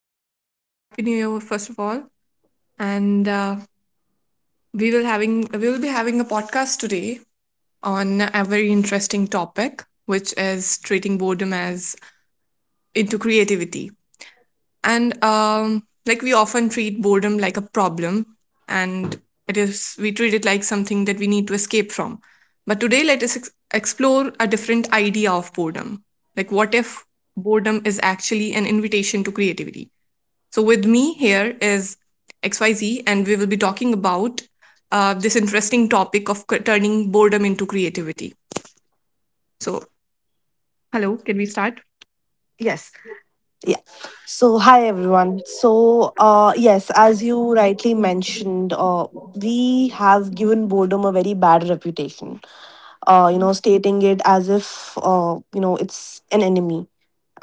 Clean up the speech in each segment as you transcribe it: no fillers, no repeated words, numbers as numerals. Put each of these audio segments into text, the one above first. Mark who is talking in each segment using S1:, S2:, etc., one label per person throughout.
S1: everyone. Happy New Year first of all. And we will be having a podcast today on a very interesting topic which is treating boredom as into creativity. And like we often treat boredom like a problem and it is we treat it like something that we need to escape from. But today let us explore a different idea of boredom. Like what if boredom is actually an invitation to creativity? So, with me here is XYZ, and we will be talking about this interesting topic of turning boredom into creativity. So, hello, can we start?
S2: Yes. Yeah. So, hi everyone. So yes, as you rightly mentioned, we have given boredom a very bad reputation. Stating it as if it's an enemy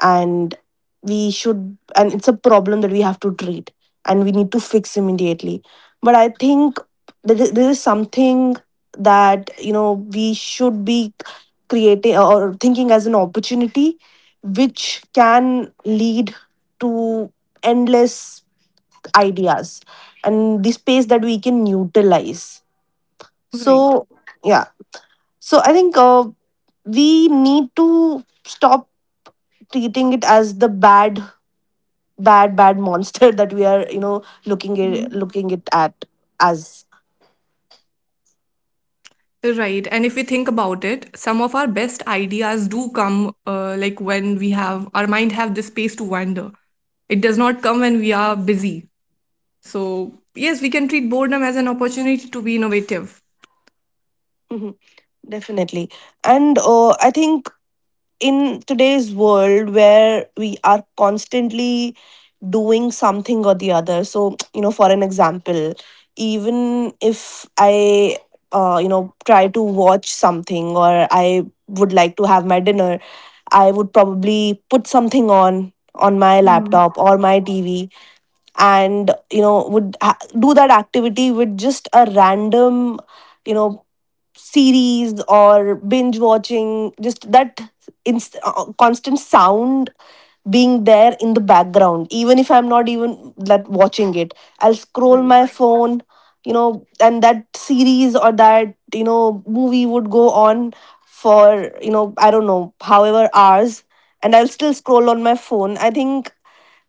S2: and we should and it's a problem that we have to treat and we need to fix immediately, but I think that there is something that we should be creating or thinking as an opportunity which can lead to endless ideas and the space that we can utilize.
S1: Right.
S2: So yeah, so I think we need to stop treating it as the bad monster that we are looking
S1: Mhm.
S2: at, looking it at. As
S1: Right. And if we think about it, some of our best ideas do come like when we have our mind have the space to wander. It does not come when we are busy. So, yes, we can treat boredom as an opportunity to be innovative.
S2: mhm, definitely. And I think in today's world where we are constantly doing something or the other. So for an example, even if I try to watch something or I would like to have my dinner, I would probably put something on my
S1: Mhm.
S2: laptop or my TV, and would do that activity with just a random you know series or binge watching, just that constant sound being there in the background. Even if I'm not even like watching it, I'll scroll
S1: Right.
S2: my phone, and that series or that movie would go on for, I don't know however hours, and I'll still scroll on my phone. I think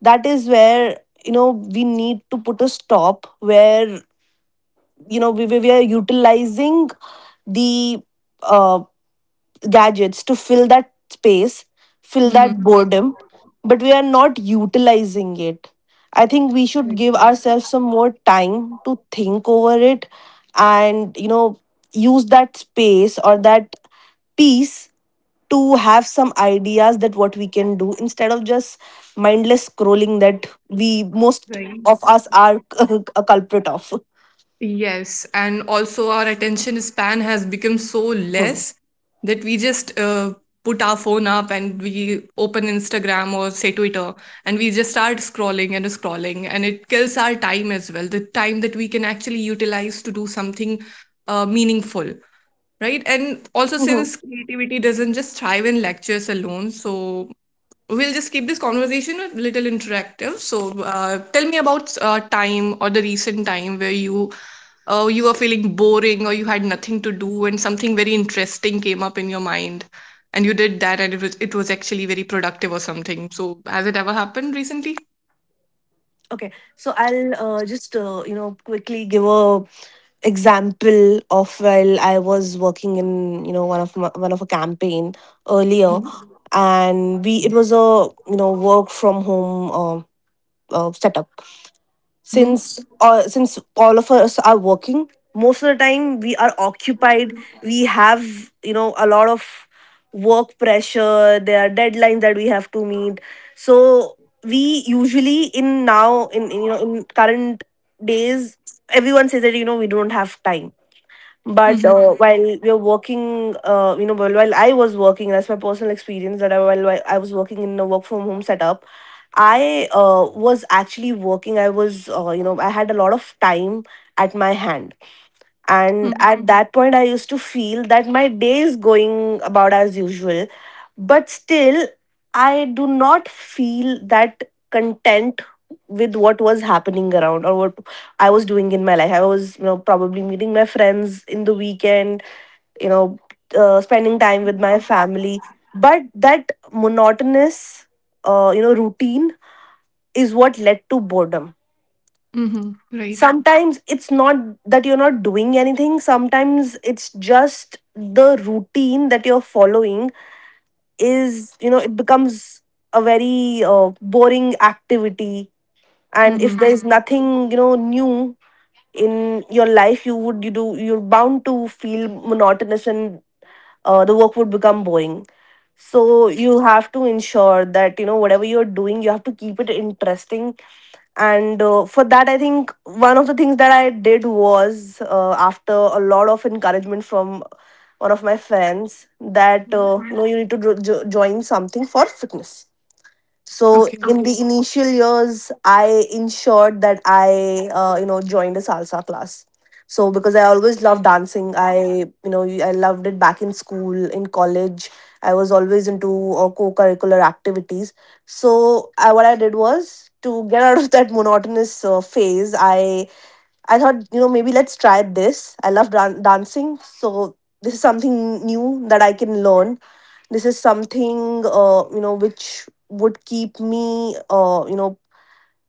S2: that is where, we need to put a stop where, we are utilizing the uh gadgets to fill that space, fill
S1: hmm
S2: that boredom, but we are not utilizing it. I think we should
S1: Right.
S2: give ourselves some more time to think over it and, you know, use that space or that piece to have some ideas that what we can do instead of just mindless scrolling that we most
S1: Right.
S2: of us are a culprit of.
S1: Yes, and also our attention span has become so
S2: Hmm.
S1: less that we just put our phone up and we open Instagram or say Twitter, and we just start scrolling and scrolling, and it kills our time as well, the time that we can actually utilize to do something meaningful, right? And also, since creativity doesn't just thrive in lectures alone, so we'll just keep this conversation a little interactive. So, tell me about time or the recent time where you were feeling boring or you had nothing to do and something very interesting came up in your mind, and you did that and it was actually very productive or something. So, has it ever happened recently?
S2: Okay, so I'll just quickly give a example of while I was working in, one of a campaign earlier,
S1: Mm-hmm.
S2: and we it was a work from home setup. Since since all of us are working, most of the time we are occupied, we have a lot of work pressure, there are deadlines that we have to meet. So we usually in in current days, everyone says that we don't have time. But
S1: Mm-hmm.
S2: while we are working, while I was working, that's my personal experience that while I was working in a work from home setup, I was actually working, I was I had a lot of time at my hand, and at that point, I used to feel that my day is going about as usual. But still, I do not feel that content with what was happening around or what I was doing in my life. I was, you know, probably meeting my friends in the weekend, you know, spending time with my family. But that monotonous, routine is what led to boredom.
S1: Mm-hmm. Right.
S2: Sometimes it's not that you're not doing anything, sometimes it's just the routine that you're following is, it becomes a very boring activity. And if
S1: Mm-hmm.
S2: there's nothing, new in your life, you would you do you're bound to feel monotonous and the work would become boring. So you have to ensure that, whatever you're doing, you have to keep it interesting. And for that I think one of the things that I did was, after a lot of encouragement from one of my friends that you need to join something for fitness. So
S1: Okay.
S2: in the initial years, I ensured that I, joined a salsa class. So because I always loved dancing, I, you know, I loved it back in school, in college. I was always into co-curricular activities. So I, what I did was to get out of that monotonous phase, I thought, you know, maybe let's try this. I love dancing, so this is something new that I can learn. This is something which would keep me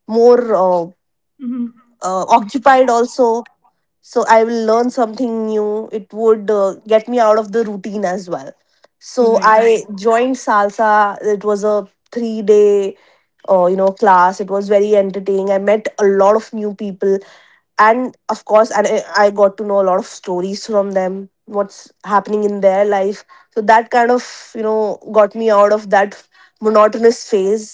S2: more
S1: Mm-hmm.
S2: occupied also. So I will learn something new, it would get me out of the routine as well. So
S1: Right.
S2: I joined salsa. It was a 3 day class. It was very entertaining, I met a lot of new people, and of course and I got to know a lot of stories from them, what's happening in their life. So that kind of, got me out of that monotonous phase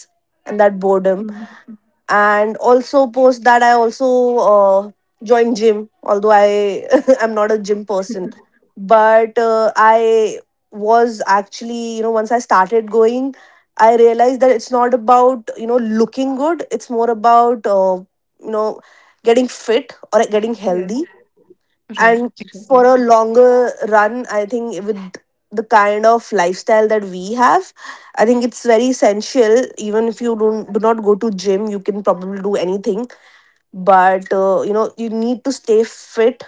S2: and that boredom.
S1: Mm-hmm.
S2: And also post that, I also uh, joined gym, although I am not a gym person. But I was actually, once I started going, I realized that it's not about, looking good, it's more about you know getting fit or getting healthy.
S1: Right.
S2: And for
S1: Exactly.
S2: a longer run, I think with the kind of lifestyle that we have, I think it's very essential. Even if you don't do not go to gym, you can probably do anything, but you need to stay fit.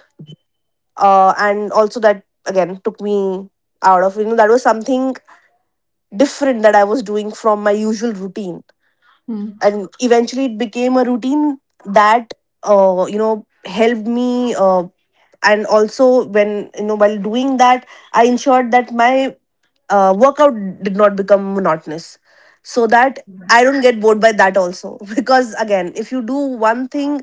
S2: And also that again took me out of, that was something different that I was doing from my usual routine,
S1: Mm-hmm.
S2: and eventually it became a routine that helped me. And also when, while doing that, I ensured that my workout did not become monotonous, so that I don't get bored by that also. Because again if you do one thing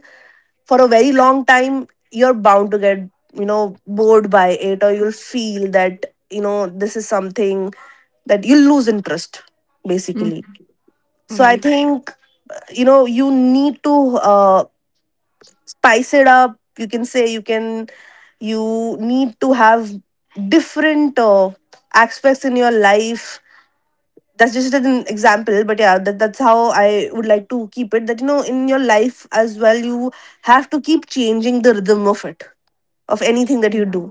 S2: for a very long time, you're bound to get, bored by it, or you'll feel that, this is something that you'll lose interest basically. So I
S1: Right.
S2: think you need to spice it up. You can say, you can, you need to have different aspects in your life. That's just an example, but yeah, that's how I would like to keep it. That, you know, in your life as well, you have to keep changing the rhythm of it, of anything that you
S1: Yeah.
S2: do.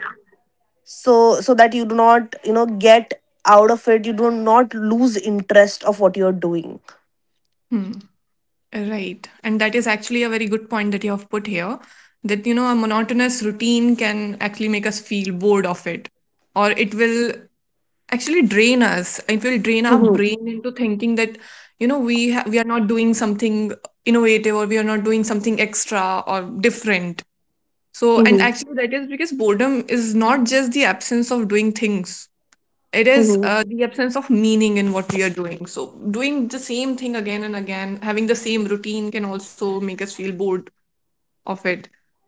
S2: So, so that you do not, get out of it, you do not lose interest of what you're doing.
S1: Right. And that is actually a very good point that you have put here that, you know, a monotonous routine can actually make us feel bored of it. Or it will actually drain us. It will drain our
S2: Mm-hmm.
S1: brain into thinking that, you know, we are not doing something innovative or we are not doing something extra or different. So, and actually, that is because boredom is not just the absence of doing things, it is
S2: Mm-hmm.
S1: the absence of meaning in what we are doing. So, doing the same thing again and again, having the same routine can also make us feel bored of it.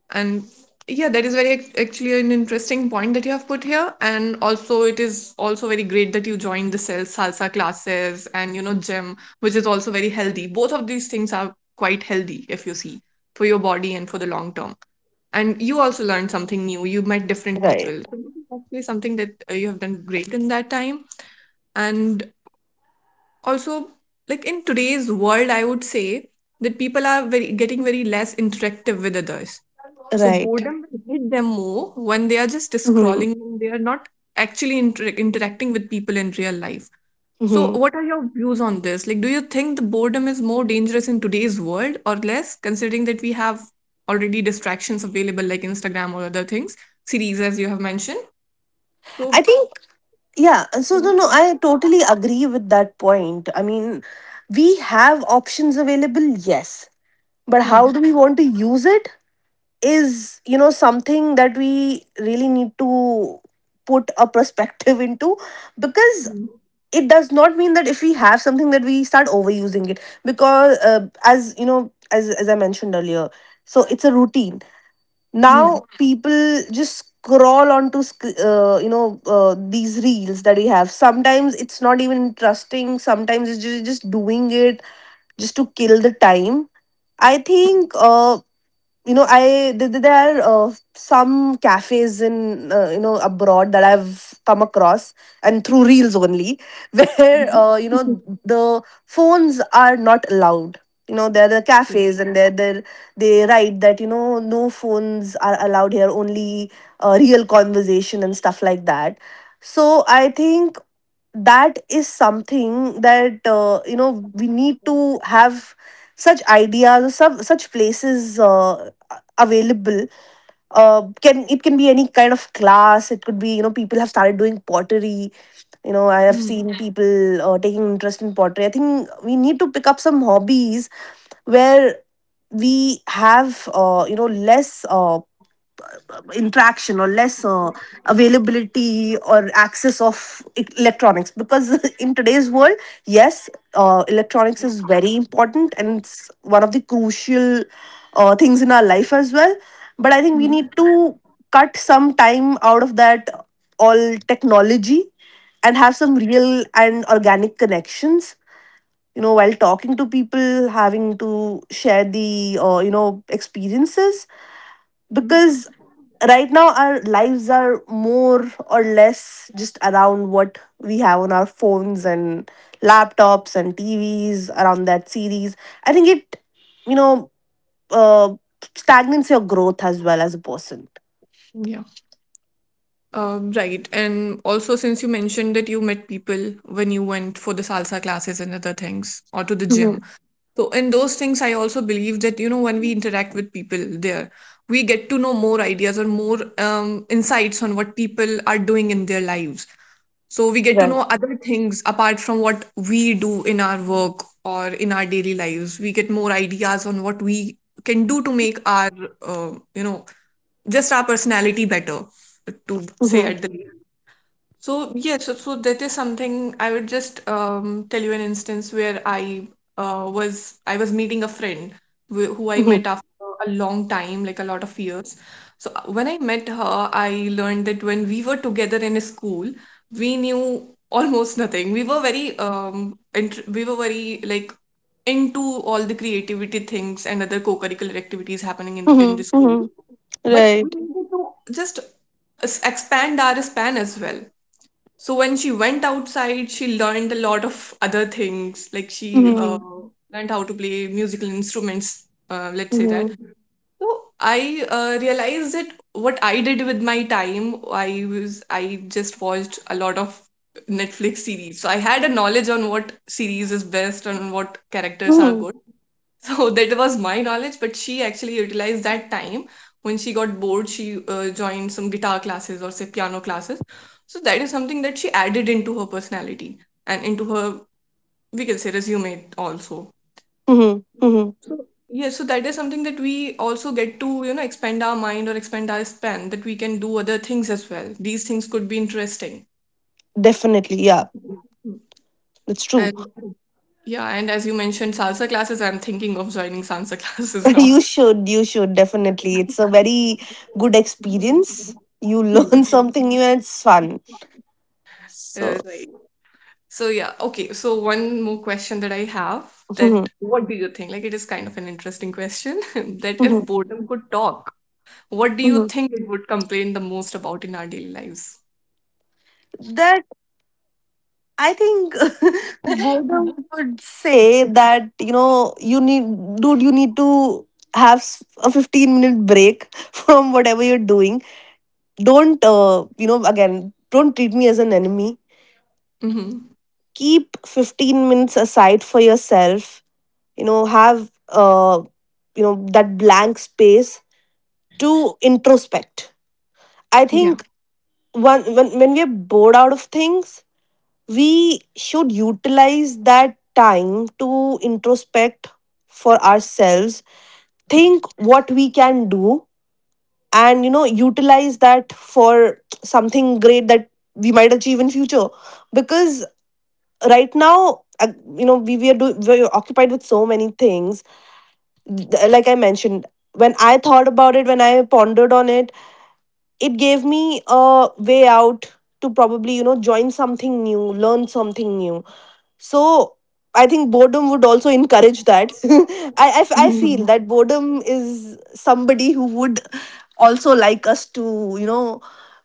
S1: And yeah, that is actually an interesting point that you have put here. And also, it is also very great that you joined the salsa classes and you know gym, which is also very healthy. Both of these things are quite healthy if you see for your body and for the long term, and you also learned something new, you met different
S2: Right.
S1: people. So this is actually something that you have done great in that time. And also, like in today's world, I would say that people are very getting very less interactive with others, so
S2: Right.
S1: boredom will hit them more when they are just
S2: Hmm.
S1: scrolling and they are not actually interacting with people in real life. So
S2: Hmm.
S1: what are your views on this? Like, do you think the boredom is more dangerous in today's world or less, considering that we have already distractions available, like Instagram or other things, series as you have mentioned? So
S2: I think, yeah. So,
S1: yeah.
S2: no, I totally agree with that point. I mean, we have options available, yes. But how
S1: Hmm.
S2: do we want to use it is, you know, something that we really need to put a perspective into. Because it does not mean that if we have something that we start overusing it. Because as you know, as I mentioned earlier, so it's a routine.
S1: Hmm.
S2: Now people just scroll onto these reels that we have, sometimes it's not even interesting, sometimes it's just doing it just to kill the time. I think there are some cafes in, abroad that I've come across, and through reels only. Where
S1: Hmm.
S2: the phones are not allowed, there are the cafes and they're, they write that, no phones are allowed here, only real conversation and stuff like that. So I think that is something that, we need to have such ideas or some such places available. Can, it can be any kind of class. It could be, people have started doing pottery, I have
S1: Mhm.
S2: seen people taking interest in pottery. I think we need to pick up some hobbies where we have less interaction or less availability or access of electronics. Because in today's world, yes, electronics is very important and it's one of the crucial things in our life as well. But I think we
S1: Mhm.
S2: need to cut some time out of that all technology and have some real and organic connections, while talking to people, having to share the experiences.
S1: Mhm.
S2: Because right now our lives are more or less just around what we have on our phones and laptops and TVs, around that series. I think it, you know, uh, stagnates your growth as well as a person.
S1: Yeah. Right. And also, since you mentioned that you met people when you went for the salsa classes and other things, or to the
S2: Mhm.
S1: gym. So, in those things, I also believe that, you know, when we interact with people there, we get to know more ideas or more insights on what people are doing in their lives. So, we get to know
S2: Right.
S1: other things apart from what we do in our work or in our daily lives. We get more ideas on what we can do to make our, you know, just our personality better, to say
S2: Mhm,
S1: at the least. So yes, so, so that is something I would just tell you an instance where I was meeting a friend who I
S2: mhm,
S1: met after a long time, like a lot of years. So when I met her, I learned that when we were together in a school, we knew almost nothing. We were very we were very like into all the creativity things and other co-curricular activities happening in the
S2: mhm,
S1: school,
S2: mhm.
S1: but we
S2: Right.
S1: needed to just expand our span as well. So when she went outside, she learned a lot of other things, like she
S2: Mhm,
S1: learned how to play musical instruments, let's say that.
S2: mhm,
S1: So I realized that what I did with my time, I just watched a lot of Netflix series, so I had a knowledge on what series is best and what characters are
S2: mhm,
S1: good. So that was my knowledge, but she actually utilized that time when she got bored. She joined some guitar classes or say piano classes. So that is something that she added into her personality and into her, we can say, resume also.
S2: mhm, mhm.
S1: So yeah, so that is something that we also get to, you know, expand our mind or expand our span that we can do other things as well. These things could be interesting.
S2: Definitely. Yeah. It's true.
S1: And yeah, and as you mentioned, salsa classes, I'm thinking of joining salsa classes now.
S2: You should, you should definitely, it's a very good experience. You
S1: Hmm.
S2: learn something new and it's fun so.
S1: Right. So yeah, okay. So one more question that I have, that what do you think? Like, it is kind of an interesting question that if boredom could talk, what do you think it would complain the most about in our daily lives?
S2: that I think boredom
S1: Mhm.
S2: would say that, you know, you need, dude, you need to have a 15-minute break from whatever you're doing. Don't, you know, again, don't treat me as an enemy.
S1: Mm-hmm.
S2: Keep 15 minutes aside for yourself, you know. Have you know, that blank space to introspect. I
S1: Yeah.
S2: think when we're bored out of things, we should utilize that time to introspect for ourselves, think what we can do, and you know, utilize that for something great that we might achieve in future. Because right now, you know, we're occupied with so many things. Like I mentioned, when I thought about it, when I pondered on it, it gave me a way out to probably, you know, join something new, learn something new. So I think boredom would also encourage that. I feel
S1: Mhm.
S2: that boredom is somebody who would also like us to, you know,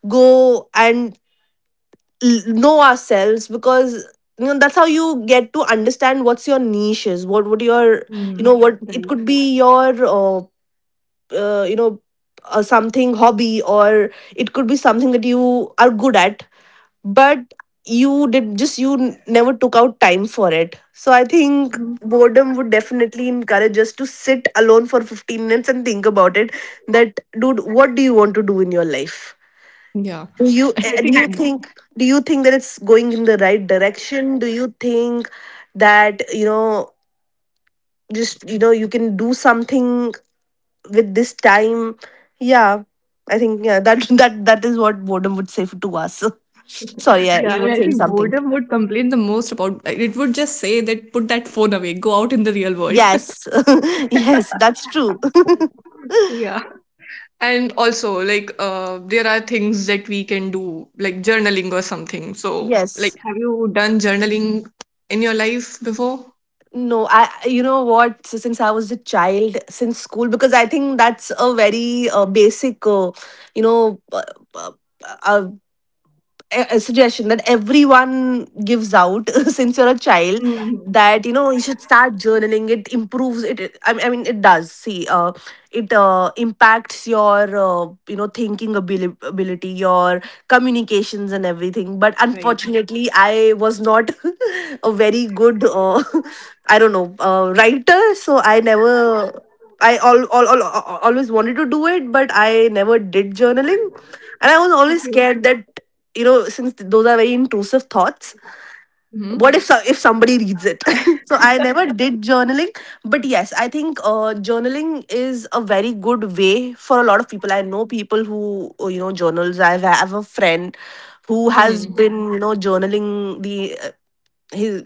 S2: go and know ourselves. Because you know, that's how you get to understand what's your niche is, what would your, you know,
S1: Mm.
S2: what it
S1: Right.
S2: could be, your you know, something hobby, or it could be something that you are good at. But you did, just you never took out time for it. So I think
S1: Mhm.
S2: boredom would definitely encourage us to sit alone for 15 minutes and think about it. That dude, what do you want to do in your life?
S1: Yeah.
S2: Do you,
S1: I
S2: do you
S1: think
S2: think, do you think that it's going in the right direction? Do you think that, you know, just you know, you can do something with this time? Yeah, I think yeah, that that is what boredom would say to us. Sorry, yeah,
S1: Yeah,
S2: you
S1: and
S2: were
S1: I
S2: saying
S1: think
S2: something.
S1: boredom would complain the most about, it would just say that put that phone away, go out in the real world.
S2: Yes. Yes, that's true.
S1: Yeah. And also, like, there are things that we can do, like journaling or something. So, like,
S2: Yes.
S1: have you done journaling in your life before?
S2: No, I, you know what, since I was a child, since school, because I think that's a very basic you know, uh, uh, a suggestion that everyone gives out since you're a child,
S1: Mhm.
S2: that you know, you should start journaling, it improves it, I mean it does see, it impacts your you know, thinking ability, your communications and everything. But
S1: Right.
S2: unfortunately I was not a very good, I don't know, writer, so I never, I always wanted to do it, but I never did journaling. And I was always
S1: Okay.
S2: scared that, you know, since those are very intrusive thoughts,
S1: Hmm.
S2: what if if somebody reads it? So I never did journaling. But yes, I think journaling is a very good way for a lot of people. I know people who, you know, journals. I have a friend who has
S1: Hmm.
S2: been, you know, journaling the his,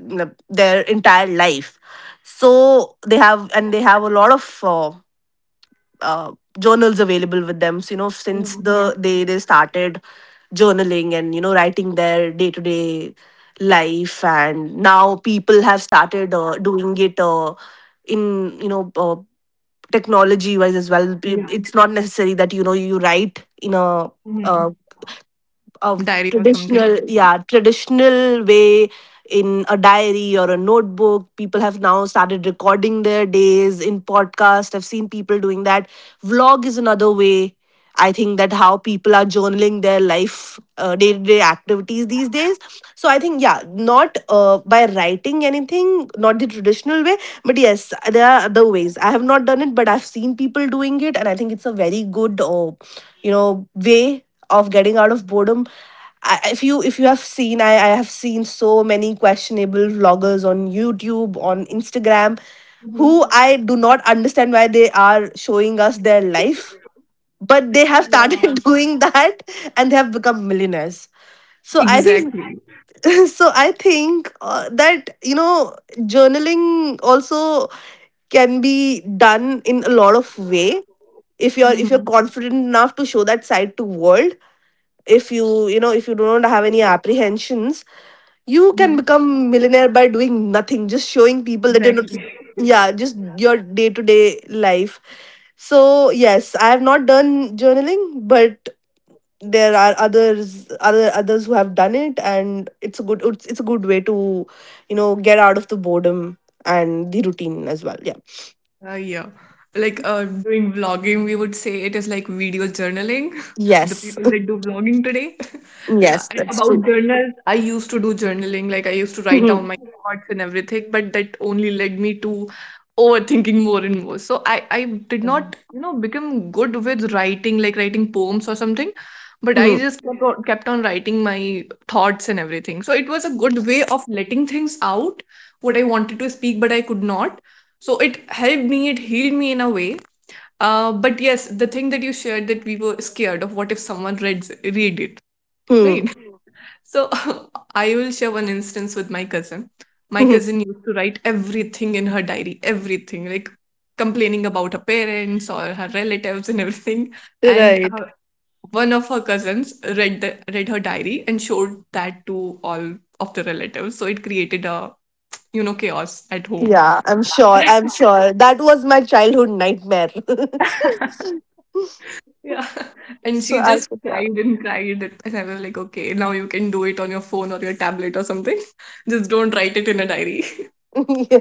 S2: their entire life. So they have, and they have a lot of uh, journals available with them. So, you know, since
S1: Mhm.
S2: the day they started journaling and, you know, writing their day to day life. And now people have started, doing it, in, you know, technology wise as well.
S1: Yeah.
S2: It's not necessary that, you know, you write in a uh,
S1: Hmm.
S2: of
S1: Diary or something.
S2: traditional yeah traditional way, in a diary or a notebook. People have now started recording their days in podcast, I've seen people doing that. Vlog is another way I think that how people are journaling their life, day to day activities these days. So I think, yeah, not by writing anything, not the traditional way, but yes, there are other ways. I have not done it, but I've seen people doing it, and I think it's a very good, you know, way of getting out of boredom. I, if you have seen, I have seen so many questionable vloggers on YouTube, on
S1: Hmm.
S2: Instagram, who I do not understand why they are showing us their life,
S1: Yeah.
S2: but they have started doing that, and they have become millionaires.
S1: Exactly.
S2: So I think so I think that you know, journaling also can be done in a lot of way.
S1: Hmm.
S2: If you're confident enough to show that side to world, if you you know, if you don't have any apprehensions,
S1: Hmm.
S2: you can become millionaire by doing nothing, just showing
S1: Exactly.
S2: people that you're not. Yeah, just your day-to-day life. So yes, I have not done journaling, but there are others who have done it, and it's a good, it's a good way to, you know, get out of the boredom and the routine as well. Yeah.
S1: Yeah. Like, doing vlogging, we would say it is like video journaling. The
S2: Yes.
S1: people that do vlogging today. Yeah.
S2: Yes,
S1: And
S2: that's true.
S1: about journals, I used to do journaling. Like I used to write down my thoughts and everything, but that only led me to overthinking more and more. So I did
S2: Mhm.
S1: not, you know, become good with writing, like writing poems or something. But I
S2: Mhm.
S1: just kept on writing my thoughts and everything. So it was a good way of letting things out, what I wanted to speak, but I could not. So it helped me, it healed me in a way. Uh, but yes, the thing that you shared, that we were scared of what if someone read it,
S2: Mhm.
S1: right? So I will share one instance with my cousin. My
S2: Mhm.
S1: cousin used to write everything in her diary, everything like complaining about her parents or her relatives and everything. And
S2: Right.
S1: her, one of her cousins read the read her diary and showed that to all of the relatives, so it created a, you know, chaos at home.
S2: Yeah, I'm sure that was my childhood nightmare.
S1: Yeah. And
S2: So
S1: she
S2: I
S1: just
S2: could, yeah.
S1: cried and cried. And I was like, okay, now you can do it on your phone or your tablet or something. Just don't write it in a diary.
S2: Yeah.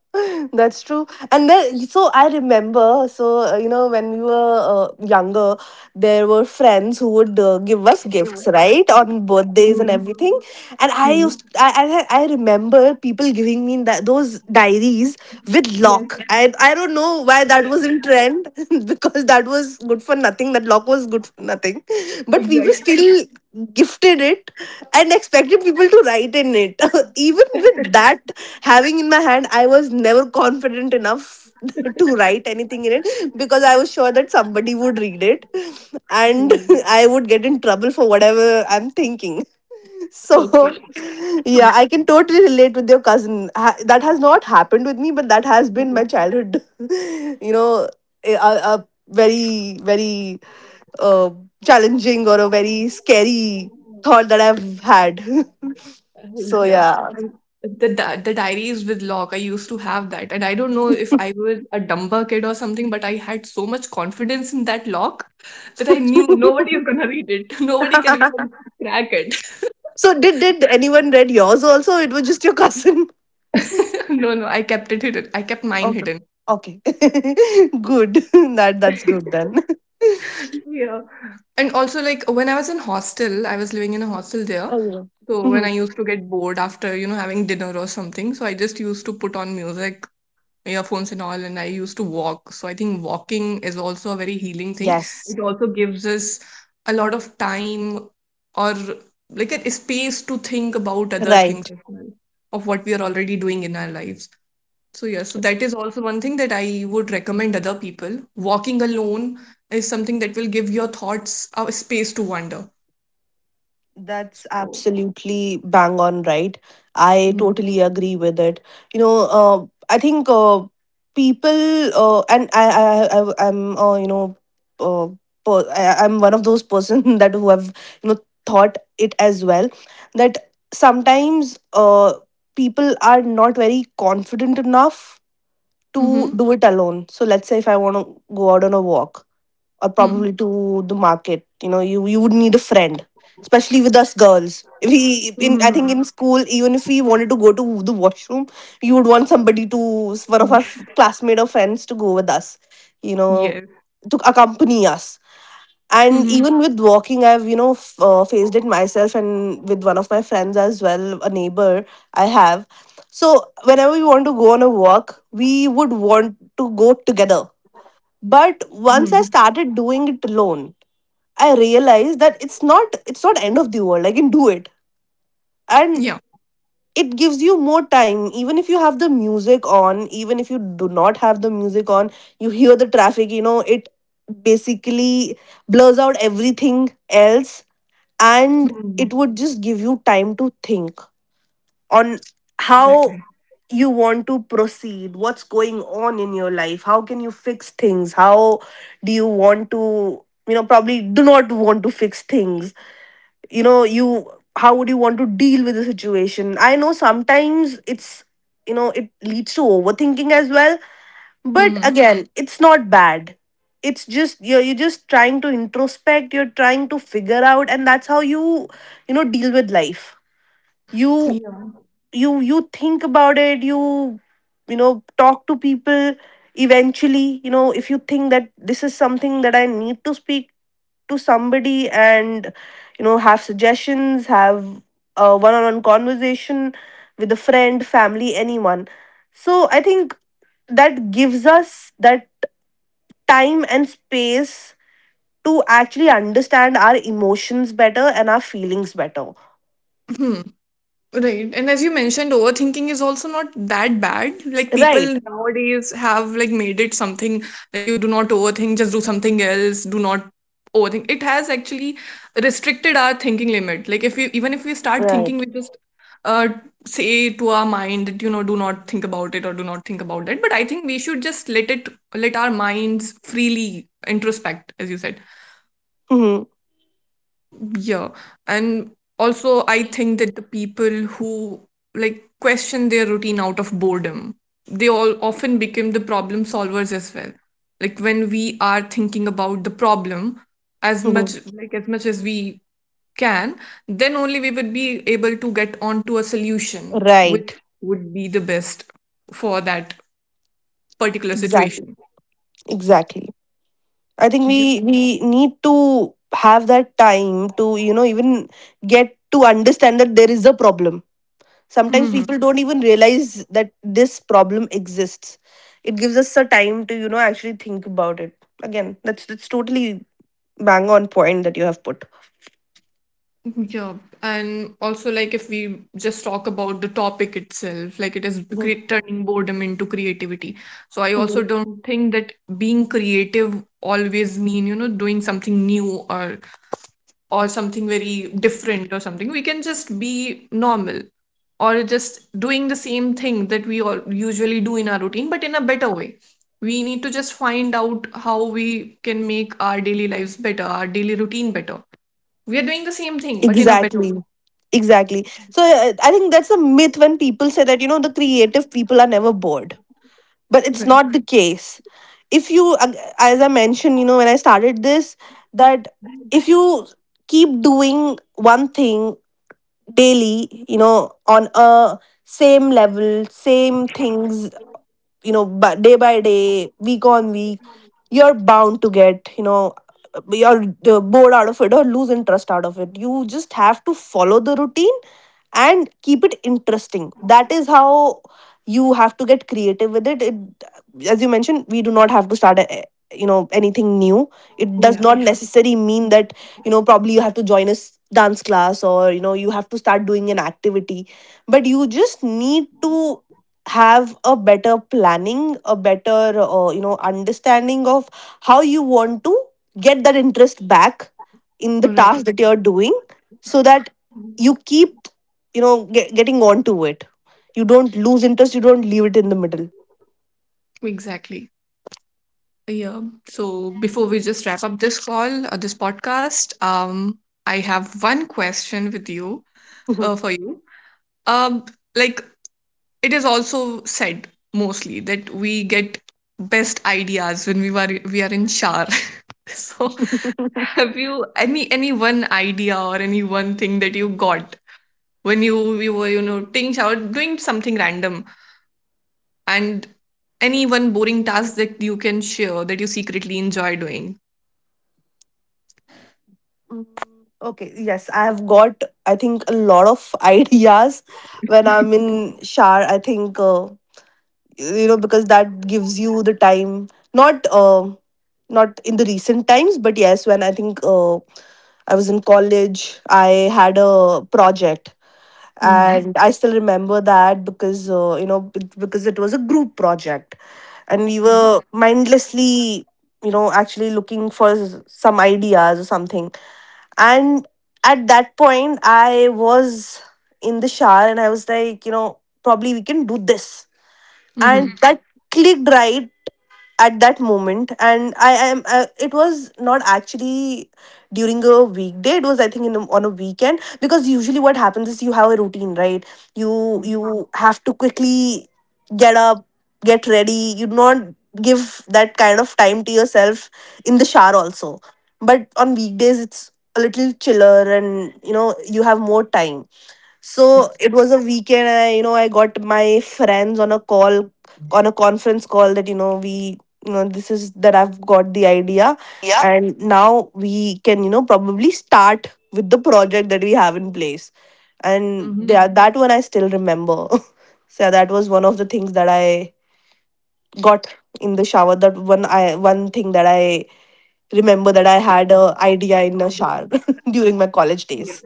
S2: That's true. And then so I remember, so you know, when we were, younger, there were friends who would, give us gifts right on birthdays and
S1: Mhm.
S2: everything. And I
S1: Mhm.
S2: used I remember people giving me that, those diaries with
S1: Yes,
S2: lock. I don't know why that was in trend because that was good for nothing, that lock was good for nothing. But people
S1: exactly.
S2: still gifted it, and expected people to write in it. Even with that having in my hand, I was never confident enough to write anything in it, because I was sure that somebody would read it, and
S1: Mhm.
S2: I would get in trouble for whatever I'm thinking. So,
S1: Okay.
S2: yeah,
S1: Mhm.
S2: I can totally relate with your cousin. That has not happened with me, but that has been my
S1: Uh,
S2: childhood, you know, a very, very, uh, challenging or a very scary thought that I've had. So
S1: Yeah.
S2: yeah.
S1: And The, the diaries with log, I used to have that. And I don't know if I was a dumber kid or something, but I had so much confidence in that log that I knew nobody is going to read it. Nobody can even crack it.
S2: So did anyone read yours also? It was just your cousin.
S1: No, no, I kept it hidden. I kept mine
S2: Okay.
S1: hidden.
S2: Okay. Good. That's good then.
S1: Yeah. And also, like, when I was in hostel, I was living in a hostel there.
S2: Oh yeah.
S1: So when I
S2: Mhm.
S1: used to get bored after, you know, having dinner or something, so I just used to put on music, earphones and all, and I used to walk. So I think walking is also a very healing thing.
S2: Yes.
S1: It also gives us a lot of time or like a space to think about other things
S2: Right.
S1: as well, of what we are already doing in our lives. So yeah, so that is also one thing that I would recommend other people. Walking alone is something that will give your thoughts a space to wander.
S2: That's
S1: So,
S2: absolutely bang on right. I
S1: mm-hmm.
S2: totally agree with it. You know, I think, people, and I'm, you know, uh, I'm one of those person that who have, you know, thought it as well, that sometimes, people are not very confident enough to
S1: Mm-hmm.
S2: do it alone. So let's say if I want to go out on a walk or
S1: Mm-hmm.
S2: probably to the market. You know, you would need a friend, especially with us girls. If we in I think
S1: Mm-hmm.
S2: in school, even if we wanted to go to the washroom, you would want somebody to, one of our
S1: Y-
S2: classmate or friends to go with us. You know,
S1: Yes.
S2: to accompany us. And
S1: Mm-hmm.
S2: even with walking, I've, you know, faced it myself, and with one of my friends as well, a neighbor I have. So whenever we want to go on a walk, we would want to go together, but once I
S1: Mm-hmm.
S2: started doing it alone, I realized that it's not end of the world. I can do it. And
S1: Yeah.
S2: it gives you more time. Even if you have the music on, even if you do not have the music on, you hear the traffic, you know, it basically blurs out everything else, and
S1: Mm.
S2: it would just give you time to think on
S1: Exactly.
S2: how you want to proceed, what's going on in your life, how can you fix things, how do you want to, you know, probably do not want to fix things, you know, you, how would you want to deal with the situation. I know sometimes it's, you know, it leads to overthinking as well, but
S1: Mm-hmm.
S2: again, it's not bad. It's just you're just trying to introspect, you're trying to figure out, and that's how you, you know, deal with life. you
S1: Yeah.
S2: you think about it, you know, talk to people, eventually, you know, if you think that this is something that I need to speak to somebody, and you know, have suggestions, have a one-on-one conversation with a friend, family, anyone. So I think that gives us that time and space to actually understand our emotions better and our feelings better.
S1: Mhm. Right. And as you mentioned, overthinking is also not that bad. Like
S2: Right.
S1: people nowadays have like made it something, like you do not overthink, just do something else, do not overthink. It has actually restricted our thinking limit. Like if we, even if we start thinking,
S2: Right.
S1: we just uh say to our mind that, you know, do not think about it or do not think about that. But I think we should just let it let our minds freely introspect, as you said.
S2: Hmm.
S1: Yeah. And also, I think that the people who like question their routine out of boredom, they all often become the problem solvers as well. Like when we are thinking about the problem as much,
S2: Hmm.
S1: like as much as we can, then only we would be able to get onto a solution which
S2: Right.
S1: would be the best for that particular
S2: Exactly.
S1: situation.
S2: Exactly. I think
S1: Yeah.
S2: we we need to have that time to, you know, even get to understand that there is a problem. Sometimes
S1: Mm-hmm.
S2: people don't even realize that this problem exists. It gives us a time to, you know, actually think about it. Again, that's totally bang on point that you have put.
S1: Yeah, and also like if we just talk about the topic itself, like it is
S2: Mhm.
S1: turning boredom into creativity. So I also
S2: Mhm.
S1: don't think that being creative always mean, you know, doing something new or something very different or something. We can just be normal or just doing the same thing that we all usually do in our routine, but in a better way. We need to just find out how we can make our daily lives better, our daily routine better. We are doing the same thing, but in a better
S2: Exactly.
S1: way.
S2: Exactly. So I think that's a myth when people say that, you know, the creative people are never bored. But it's
S1: Right.
S2: not the case. If you ag- As I mentioned, you know, when I started this, that if you keep doing one thing daily, you know, on a same level, same things, you know, but day by day, week on week, you're bound to get, you know, you're, bored out of it or lose interest out of it. You just have to follow the routine and keep it interesting. That is how you have to get creative with it. As you mentioned, we do not have to start a, you know, anything new. It does
S1: Yeah.
S2: not necessarily mean that, you know, probably you have to join a dance class, or you know, you have to start doing an activity, but you just need to have a better planning, a better, you know, understanding of how you want to get that interest back in the
S1: Right.
S2: task that you're doing, so that you keep, you know, getting on to it, you don't lose interest, you don't leave it in the middle.
S1: Exactly. Yeah. So before we just wrap up this call, this podcast, I have one question with you, for you. Um, like it is also said mostly that we get best ideas when we are in shower. So have you any one idea or any one thing that you got when you were, you know, taking shower, doing something random, and any one boring task that you can share that you secretly enjoy doing?
S2: Mm, okay, yes, I have got, I think, a lot of ideas when I'm in shower. I think you know, because that gives you the time. Not not in the recent times, but yes, when I think I was in college, I had a project,
S1: Mm-hmm.
S2: and I still remember that because, you know, because it was a group project, and we
S1: Mm-hmm.
S2: were mindlessly, you know, actually looking for some ideas or something. And at that point, I was in the shower and I was like, you know, probably we can do this
S1: Mm-hmm. Mm hmm.
S2: and
S1: Mm
S2: that clicked, right at that moment. And I am, it was not actually during a weekday, it was, I think, in a, on a weekend, because usually what happens is you have a routine, right?
S1: hmm
S2: you
S1: mm
S2: you have to quickly get up, get ready, you do not give that kind of time to yourself in the shower also. But on weekdays it's a little chiller and you know, you have more time. So
S1: hmm.
S2: it was a weekend, and I, you know, I got my friends on a call, on a conference call, that, you know, we, you know, this is that I've got the idea. And now we can, you know, probably start with the project that we have in place. And yeah, that one I still remember. So that was one of the things that I got in the shower. That one, one thing that I remember that I had a idea in a shower during my college days.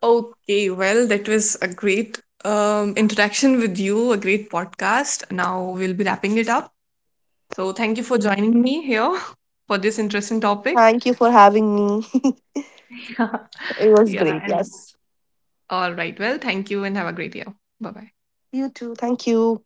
S3: Okay, well, that was a great interaction with you, a great podcast. Now we'll be wrapping it up. So thank you for joining me here for this interesting topic.
S2: Thank you for having me. It was
S3: Yeah,
S2: great.
S3: and
S2: Yes.
S3: all right. Well, thank you and have a great year. Bye bye.
S2: Thank you.